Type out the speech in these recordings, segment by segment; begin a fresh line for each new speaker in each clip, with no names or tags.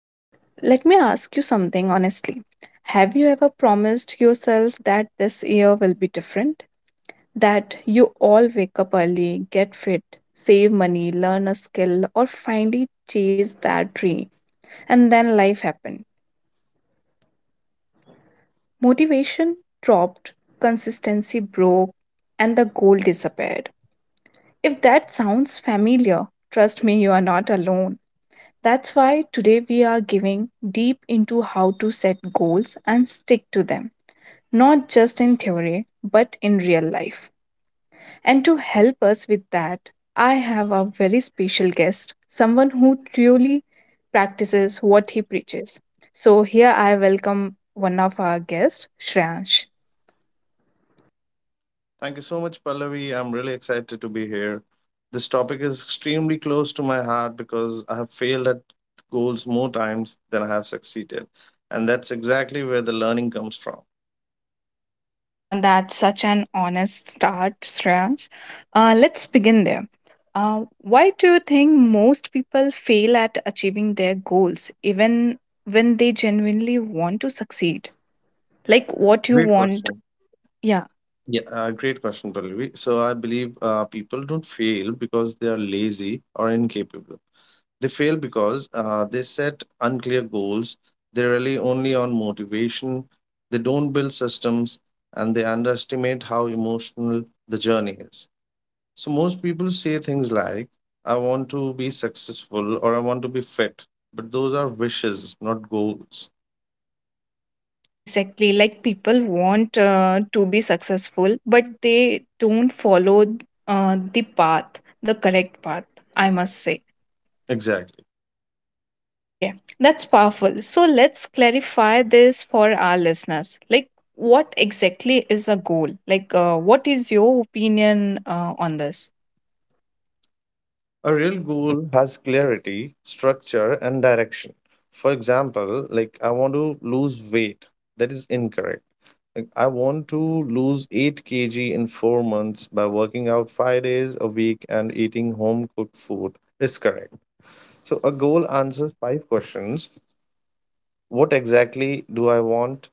Okay, let me ask you something honestly. Have you ever promised yourself that this year will be different? That you all wake up early, get fit, save money, learn a skill, or finally chase that dream? And then life happened. Motivation dropped, consistency broke, and the goal disappeared. If that sounds familiar, trust me, you are not alone. That's why today we are giving deep into how to set goals and stick to them, not just in theory, but in real life. And to help us with that, I have a very special guest, someone who truly practices what he preaches. So here I welcome one of our guests, Shreyansh.
Thank you so much, Pallavi. I'm really excited to be here. This topic is extremely close to my heart because I have failed at goals more times than I have succeeded. And that's exactly where the learning comes from.
That's such an honest start, Shreyansh. Let's begin there. Why do you think most people fail at achieving their goals, even when they genuinely want to succeed? Like what you
Great
want?
question.
Yeah.
Yeah, Great question, Pallavi. So I believe people don't fail because they are lazy or incapable. They fail because they set unclear goals. They rely only on motivation. They don't build systems, and they underestimate how emotional the journey is. So most people say things like, I want to be successful, or I want to be fit. But those are wishes, not goals.
Yeah, exactly. Like people want to be successful, but they don't follow the path, the correct path, I must say.
Exactly.
Okay, that's powerful. So let's clarify this for our listeners. Like, what exactly is a goal? Like, what is your opinion on this?
A real goal has clarity, structure, and direction. For example, like, I want to lose weight. That is incorrect. Like, I
Yeah.
want to lose 8 kg in 4 months by working out 5 days a week and eating home cooked food is correct. So a goal answers five questions. What exactly do I want?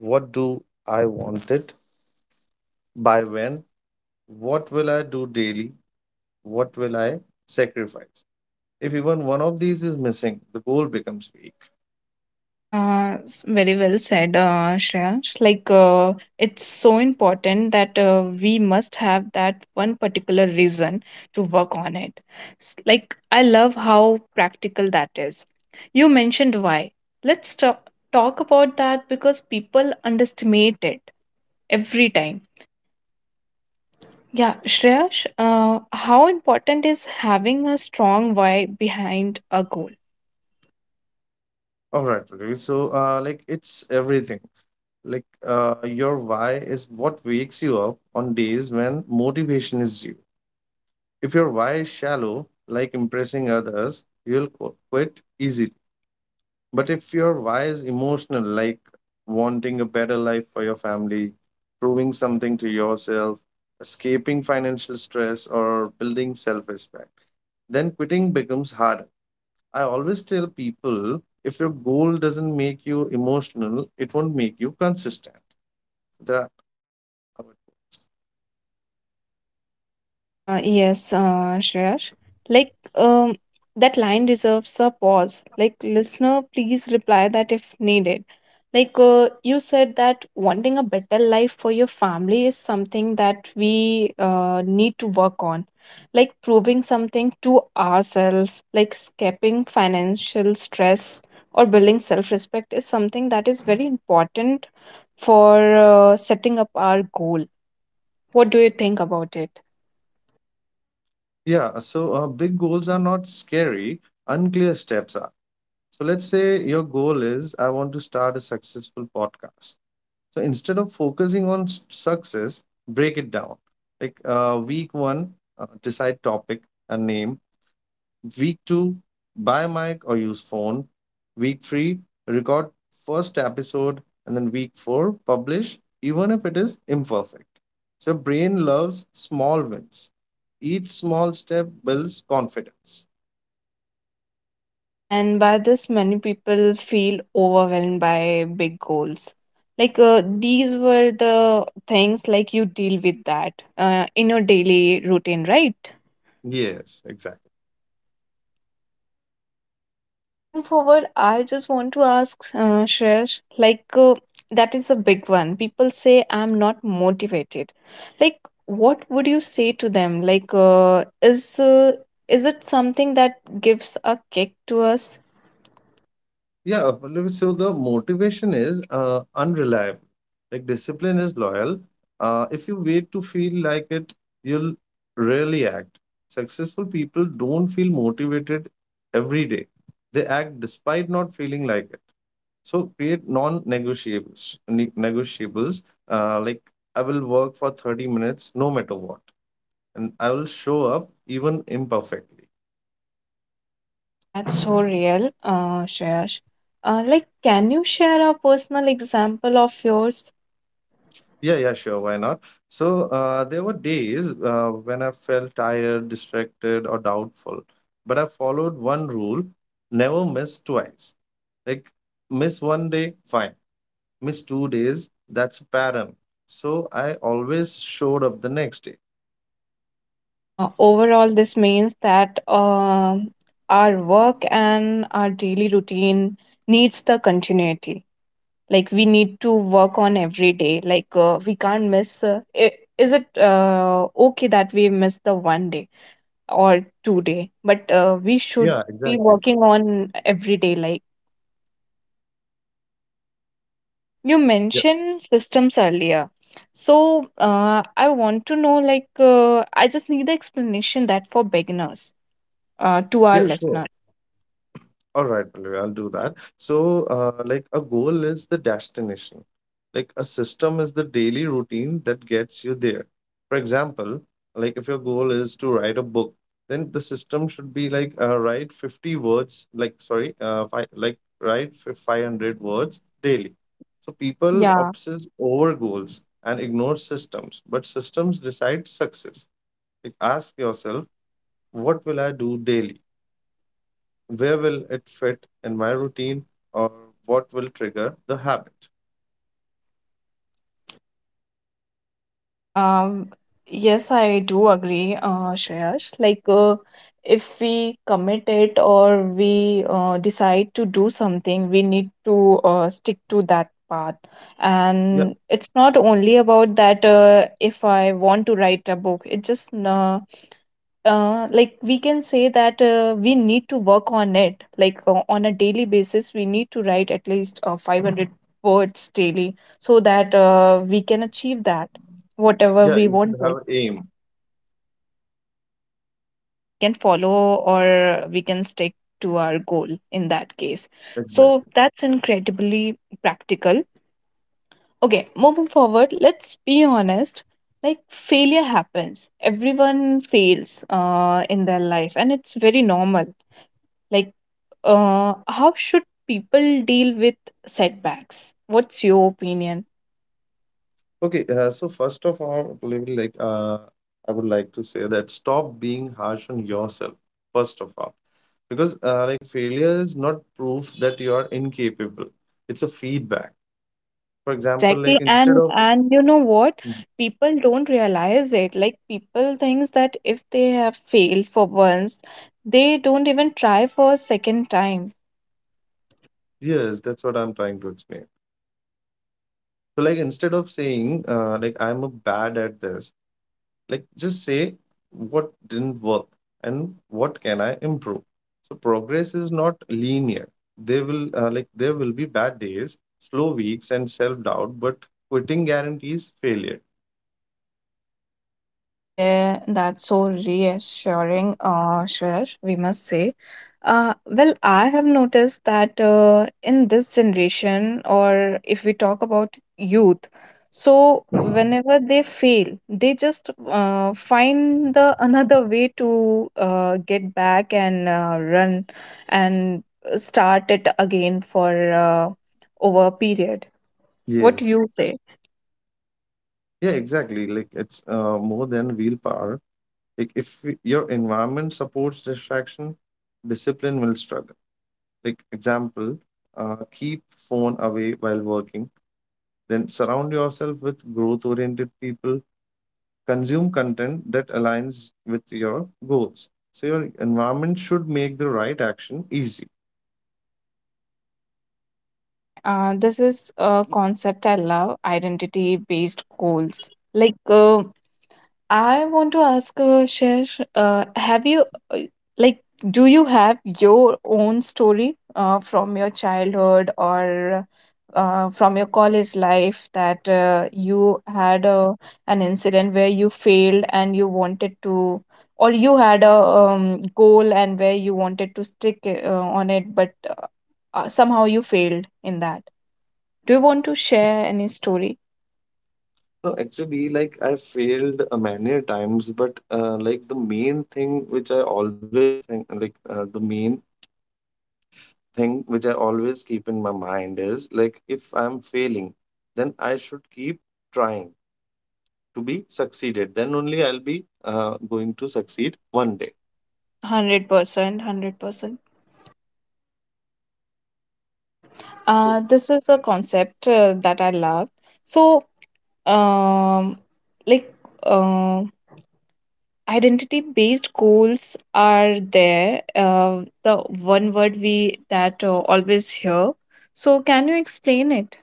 What do I want it? By when? What will I do daily? What will I sacrifice? If even one of these is missing, the goal becomes weak.
Very well said, Shreyansh. Like, it's so important that we must have that one particular reason to work on it. Like, I love how practical that is. You mentioned why. Let's talk about that because people underestimate it every time. Yeah, Shreyansh, how important is having a strong why behind a goal?
All right, Pradeep. So, like, it's everything. Like, your why is what wakes you up on days when motivation is zero. If your why is shallow, like impressing others, you'll quit easily. But if your why is emotional, like wanting a better life for your family, proving something to yourself, escaping financial stress, or building self respect, then quitting becomes harder. I always tell people, if your goal doesn't make you emotional, it won't make you consistent. That how it
Yes, Shreyash. Like, that line deserves a pause. Like, listener, please reply that if needed. Like, you said that wanting a better life for your family is something that we need to work on. Like, proving something to ourselves, like escaping financial stress or building self respect is something that is very important for setting up our goal. What do you think about it?
yeah, so big goals are not scary, unclear steps are. So let's say your goal is, I want to start a successful podcast. So instead of focusing on success, break it down. Like, week one, decide topic and name. Week two, buy mic or use phone. Week three, record first episode, and then week four, publish, even if it is imperfect. So your brain loves small wins. Each small step builds confidence.
Yeah, and by this, many people feel overwhelmed by big goals. Like these were the things like you deal with that in your daily routine, right?
Yes, exactly.
Okay, moving forward, I just want to ask Shresh, like that is a big one. People say I'm not motivated. Like, what would you say to them? Like, is it something that gives a kick to us?
Yeah, Pallavi, so the motivation is unreliable. Like, discipline is loyal. If you wait to feel like it, you'll rarely act. Successful people don't feel motivated every day. They act despite not feeling like it. So create non-negotiables. Ne- Negotiables Like, I will work for 30 minutes no matter what, and I will show up even imperfectly.
Yeah, that's so real, Shreyash. Like, can you share a personal example of yours?
Yeah, yeah, sure. Why not? So there were days when I felt tired, distracted, or doubtful, but I followed one rule: never miss twice. Like, miss 1 day, fine. Miss 2 days, that's a pattern. So I always showed up the next day.
Overall, this means that our work and our daily routine needs the continuity. Like, we need to work on every day. Like, we can't miss. I Is it okay that we miss the one day or two day? But we should
Yeah,
be
exactly.
working on every day. Like. Okay, you
Yeah,
mentioned systems earlier. So I want to know like I just need the explanation that for beginners to our
yeah, sure.
listeners.
All right, Pallavi, I'll do that. So, like, a goal is the destination. Like, a system is the daily routine that gets you there. For example, like if your goal is to write a book, then the system should be like, write 50 words, like sorry, fi like write fi- 500 words daily. So people
Yeah.
obsess over goals and ignore systems, but systems decide success. Like, ask yourself, what will I do daily? Where will it fit in my routine, or what will trigger the habit?
Um, yes, I do agree, Shreyash. Like if we commit it or we decide to do something, we need to stick to that path.
Yeah,
And it's not only about that, if I want to write a book, it just, like we can say that, we need to work on it like, on a daily basis we need to write at least, 500 words daily so that we can achieve that whatever
yeah,
we
you should have
wanted.
aim.
Yeah, we can follow or we can stick to our goal in that case. So
Exactly.
that's incredibly practical. Okay, moving forward, let's be honest. Like, failure happens. Everyone fails in their life, and it's very normal. Like, how should people deal with setbacks? What's your opinion?
Okay, so first of all, really, like, I would like to say that stop being harsh on yourself, first of all. Because like, failure is not proof that you are incapable, it's a feedback. For
Yeah,
example
exactly.
like instead
And
of
and you know what? People don't realize it. Like people thinks that if they have failed for once, they don't even try for a second time.
Yes, that's what I'm trying to explain. So like, instead of saying, like, I'm a bad at this, like just say, what didn't work, and what can I improve. So progress is not linear. They will Like, there will be bad days, slow weeks, and self doubt, but quitting guarantees failure.
Yeah, there that's so reassuring, Shreya, we must say. Well, I have noticed that in this generation, or if we talk about youth, so whenever they fail, they just find the another way to get back and run and start it again for over a period. What do
Yes.
you say?
Yeah, exactly. Like, it's more than willpower. Like, if your environment supports distraction, discipline will struggle. Like, example, keep phone away while working, then surround yourself with growth oriented people, consume content that aligns with your goals. So your environment should make the right action easy.
Okay, this is a concept I love, identity-based goals. Like, I want to ask, Shash, have you, uh, like, do you have your own story from your childhood or from your college life that you had a, an incident where you failed and you wanted to, or you had a goal and where you wanted to stick on it, but somehow you failed in that? Do you want to share any story?
No, actually, like, I failed many times, but like, the main thing which I always think, like, the main thing which I always keep in my mind is, like, if I'm failing, then I should keep trying to be succeeded. Then only I'll be going to succeed one day.
100%, 100%. Okay.
So
This is a concept that I love. So, um, like, uh, identity based goals are there. The one word we that always hear. So, can you explain it?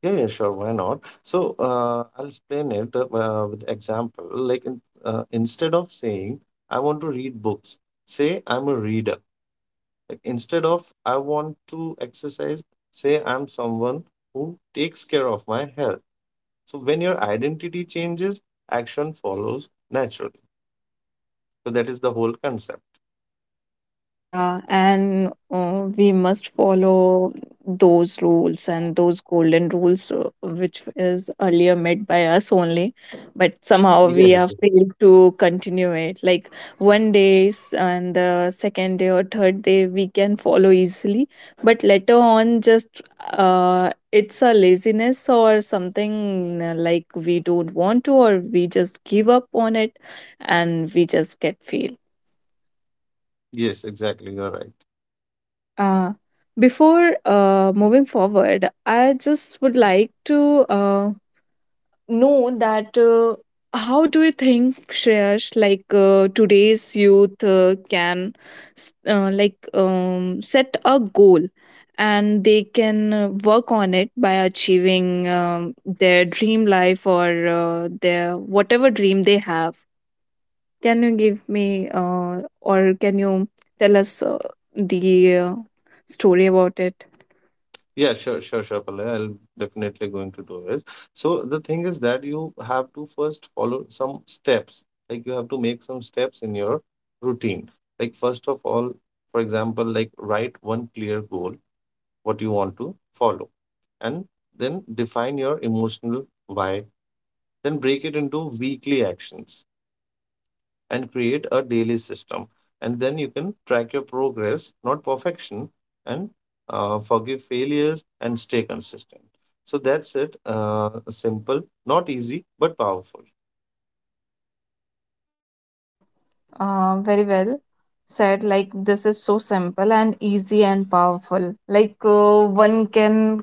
Yeah, yeah, sure. Why not? So I'll explain it with example. Like, instead of saying, I want to read books, say, I'm a reader. Like, instead of, I want to exercise, say, I'm someone who takes care of my health. So when your identity changes, action follows naturally. So that is the whole concept.
Yeah, and we must follow those rules and those golden rules, which is earlier made by us only, but somehow we
Yes,
have failed to continue it. Like one day and the second day or third day, we can follow easily, but later on, just it's a laziness or something like we don't want to, or we just give up on it and we just get failed.
yes, exactly. You're right.
Uh, Before moving forward, I just would like to know that, how do you think, Shreyash, like today's youth can like set a goal and they can work on it by achieving their dream life or their whatever dream they have. Can you give me or can you tell us the story about it?
Yeah, sure, sure, sure, Palay. I'll definitely going to do this. So the thing is that you have to first follow some steps. Like, you have to make some steps in your routine. Like, first of all, for example, like, write one clear goal, what you want to follow, and then define your emotional why. Then break it into weekly actions and create a daily system. And then you can track your progress, not perfection, and forgive failures and stay consistent. So that's it. Simple, not easy, but powerful.
Yeah, very well said. Like, this is so simple and easy and powerful. Like, one can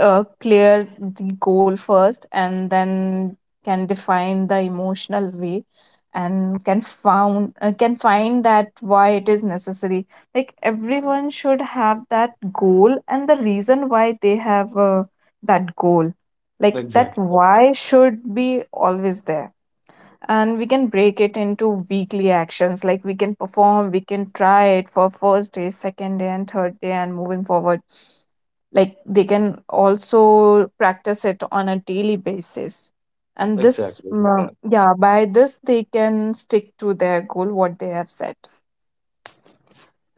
clear the goal first and then can define the emotional way and can found can find that why it is necessary. Like, everyone should have that goal and the reason why they have that goal. Like, that
Exactly.
why should be always there, and we can break it into weekly actions. Like, we can perform, we can try it for first day, second day, and third day and moving forward. Like, they can also practice it on a daily basis. And this,
Exactly. They can.
yeah, by this they can stick to their goal what they have set.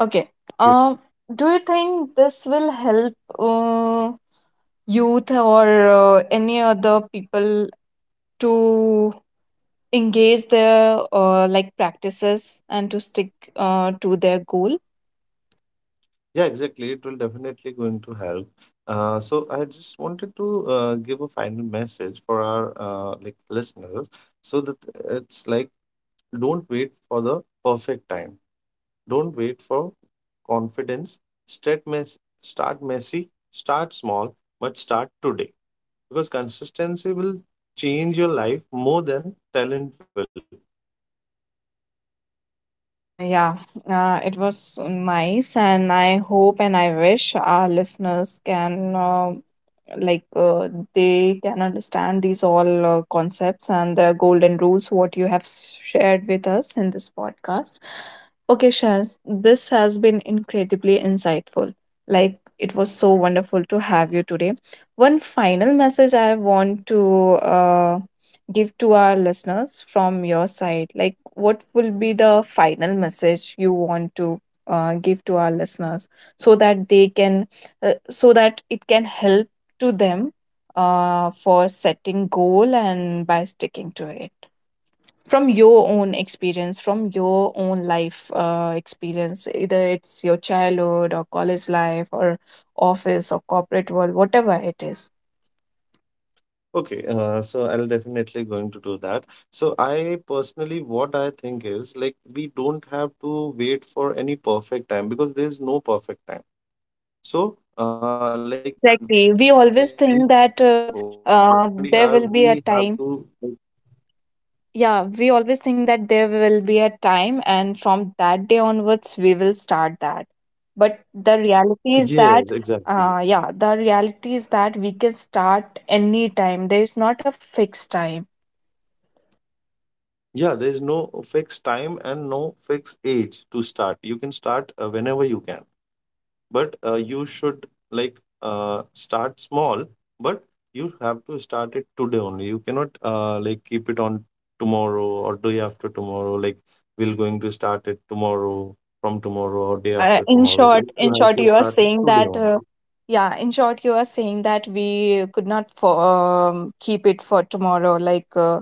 Okay.
Yeah.
um do you think this will help uh, youth or any other people to engage their like practices and to stick to their goal?
Yeah, exactly. It will definitely going to help. So I just wanted to give a final message for our, like, listeners. So that, it's like, don't wait for the perfect time. Don't wait for confidence. Start messy, start small, but start today, because consistency will change your life more than talent will.
Yeah, it was nice, and I hope and I wish our listeners can, like they can understand these all concepts and the golden rules what you have shared with us in this podcast. Okay, Shaz, this has been incredibly insightful. Like it was so wonderful to have you today. One final message I want to uh, give to our listeners from your side? Like, what will be the final message you want to give to our listeners so that they can, so that it can help to them for setting goal and by sticking to it? From your own experience, from your own life experience, either it's your childhood or college life or office or corporate world, whatever it is.
Okay, so I'll definitely going to do that. So I personally, what I think is, like, we don't have to wait for any perfect time because there is no perfect time. So, like,
Yeah,
in
exactly. We
whatever
always think
condition
that
we are, we have to.
there
Like,
will be a time. Yeah, we always think that there will be a time, and from that day onwards, we will start that. But the
yes,
reality is that,
exactly.
yeah, the reality is that we can start any time. There is not a fixed time.
Yeah, there is no fixed time and no fixed age to start. You can start whenever you can, but you should, like, start small, but you have to start it today only. You cannot like, keep it on tomorrow or day after tomorrow. Like, we're going to start it tomorrow, from tomorrow or day
Yeah,
after
in
tomorrow.
short,
Like, you
in
have
short,
to
you are
start it
saying
today
that.
only.
Yeah, in short, you are saying that we could not, keep it for tomorrow, like.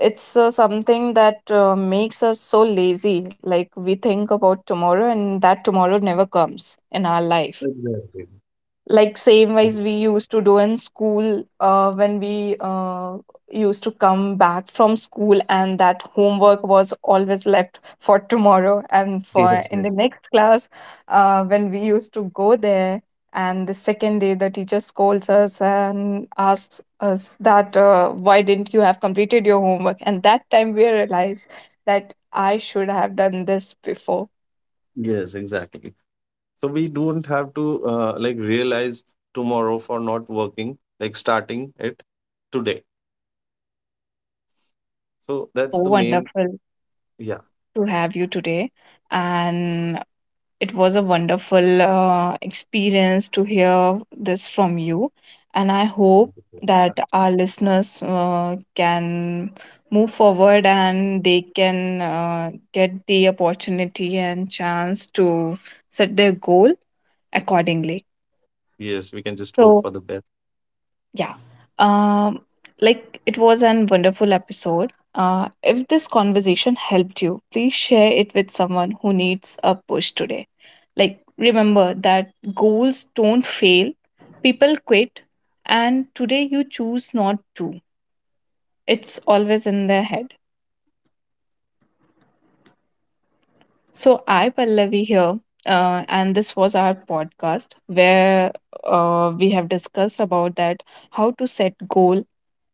It's something that makes us so lazy, like we think about tomorrow and that tomorrow never comes in our life,
Exactly.
like same ways we used to do in school when we used to come back from school and that homework was always left for tomorrow and for
Yes,
in the
yes.
next class when we used to go there, and the second day the teacher scolds us and asks us that, why didn't you have completed your homework, and that time we realized that I should have done this before.
Yes, exactly. So we don't have to like, realize tomorrow for not working, like starting it today.
It
So
was so
that's the main.
wonderful
Yeah.
to have you today, and it was a wonderful experience to hear this from you, and I hope
Thank you for that.
that our listeners can move forward and they can get the opportunity and chance to set their goal accordingly.
Yes, we can just hope
So,
for the best.
yeah. Um, like it was an wonderful episode. If this conversation helped you, please share it with someone who needs a push today. Like, remember that goals don't fail, people quit, and today you choose not to. It's always in their head. So, I, Pallavi, here, and this was our podcast where we have discussed about that how to set goal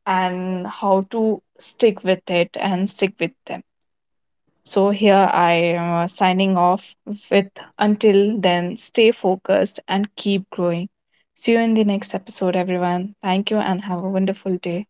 and how to stick with it and stick with them. So here I am signing off with, until then stay focused and keep growing. See you in the next episode, everyone. Thank you and have a wonderful day.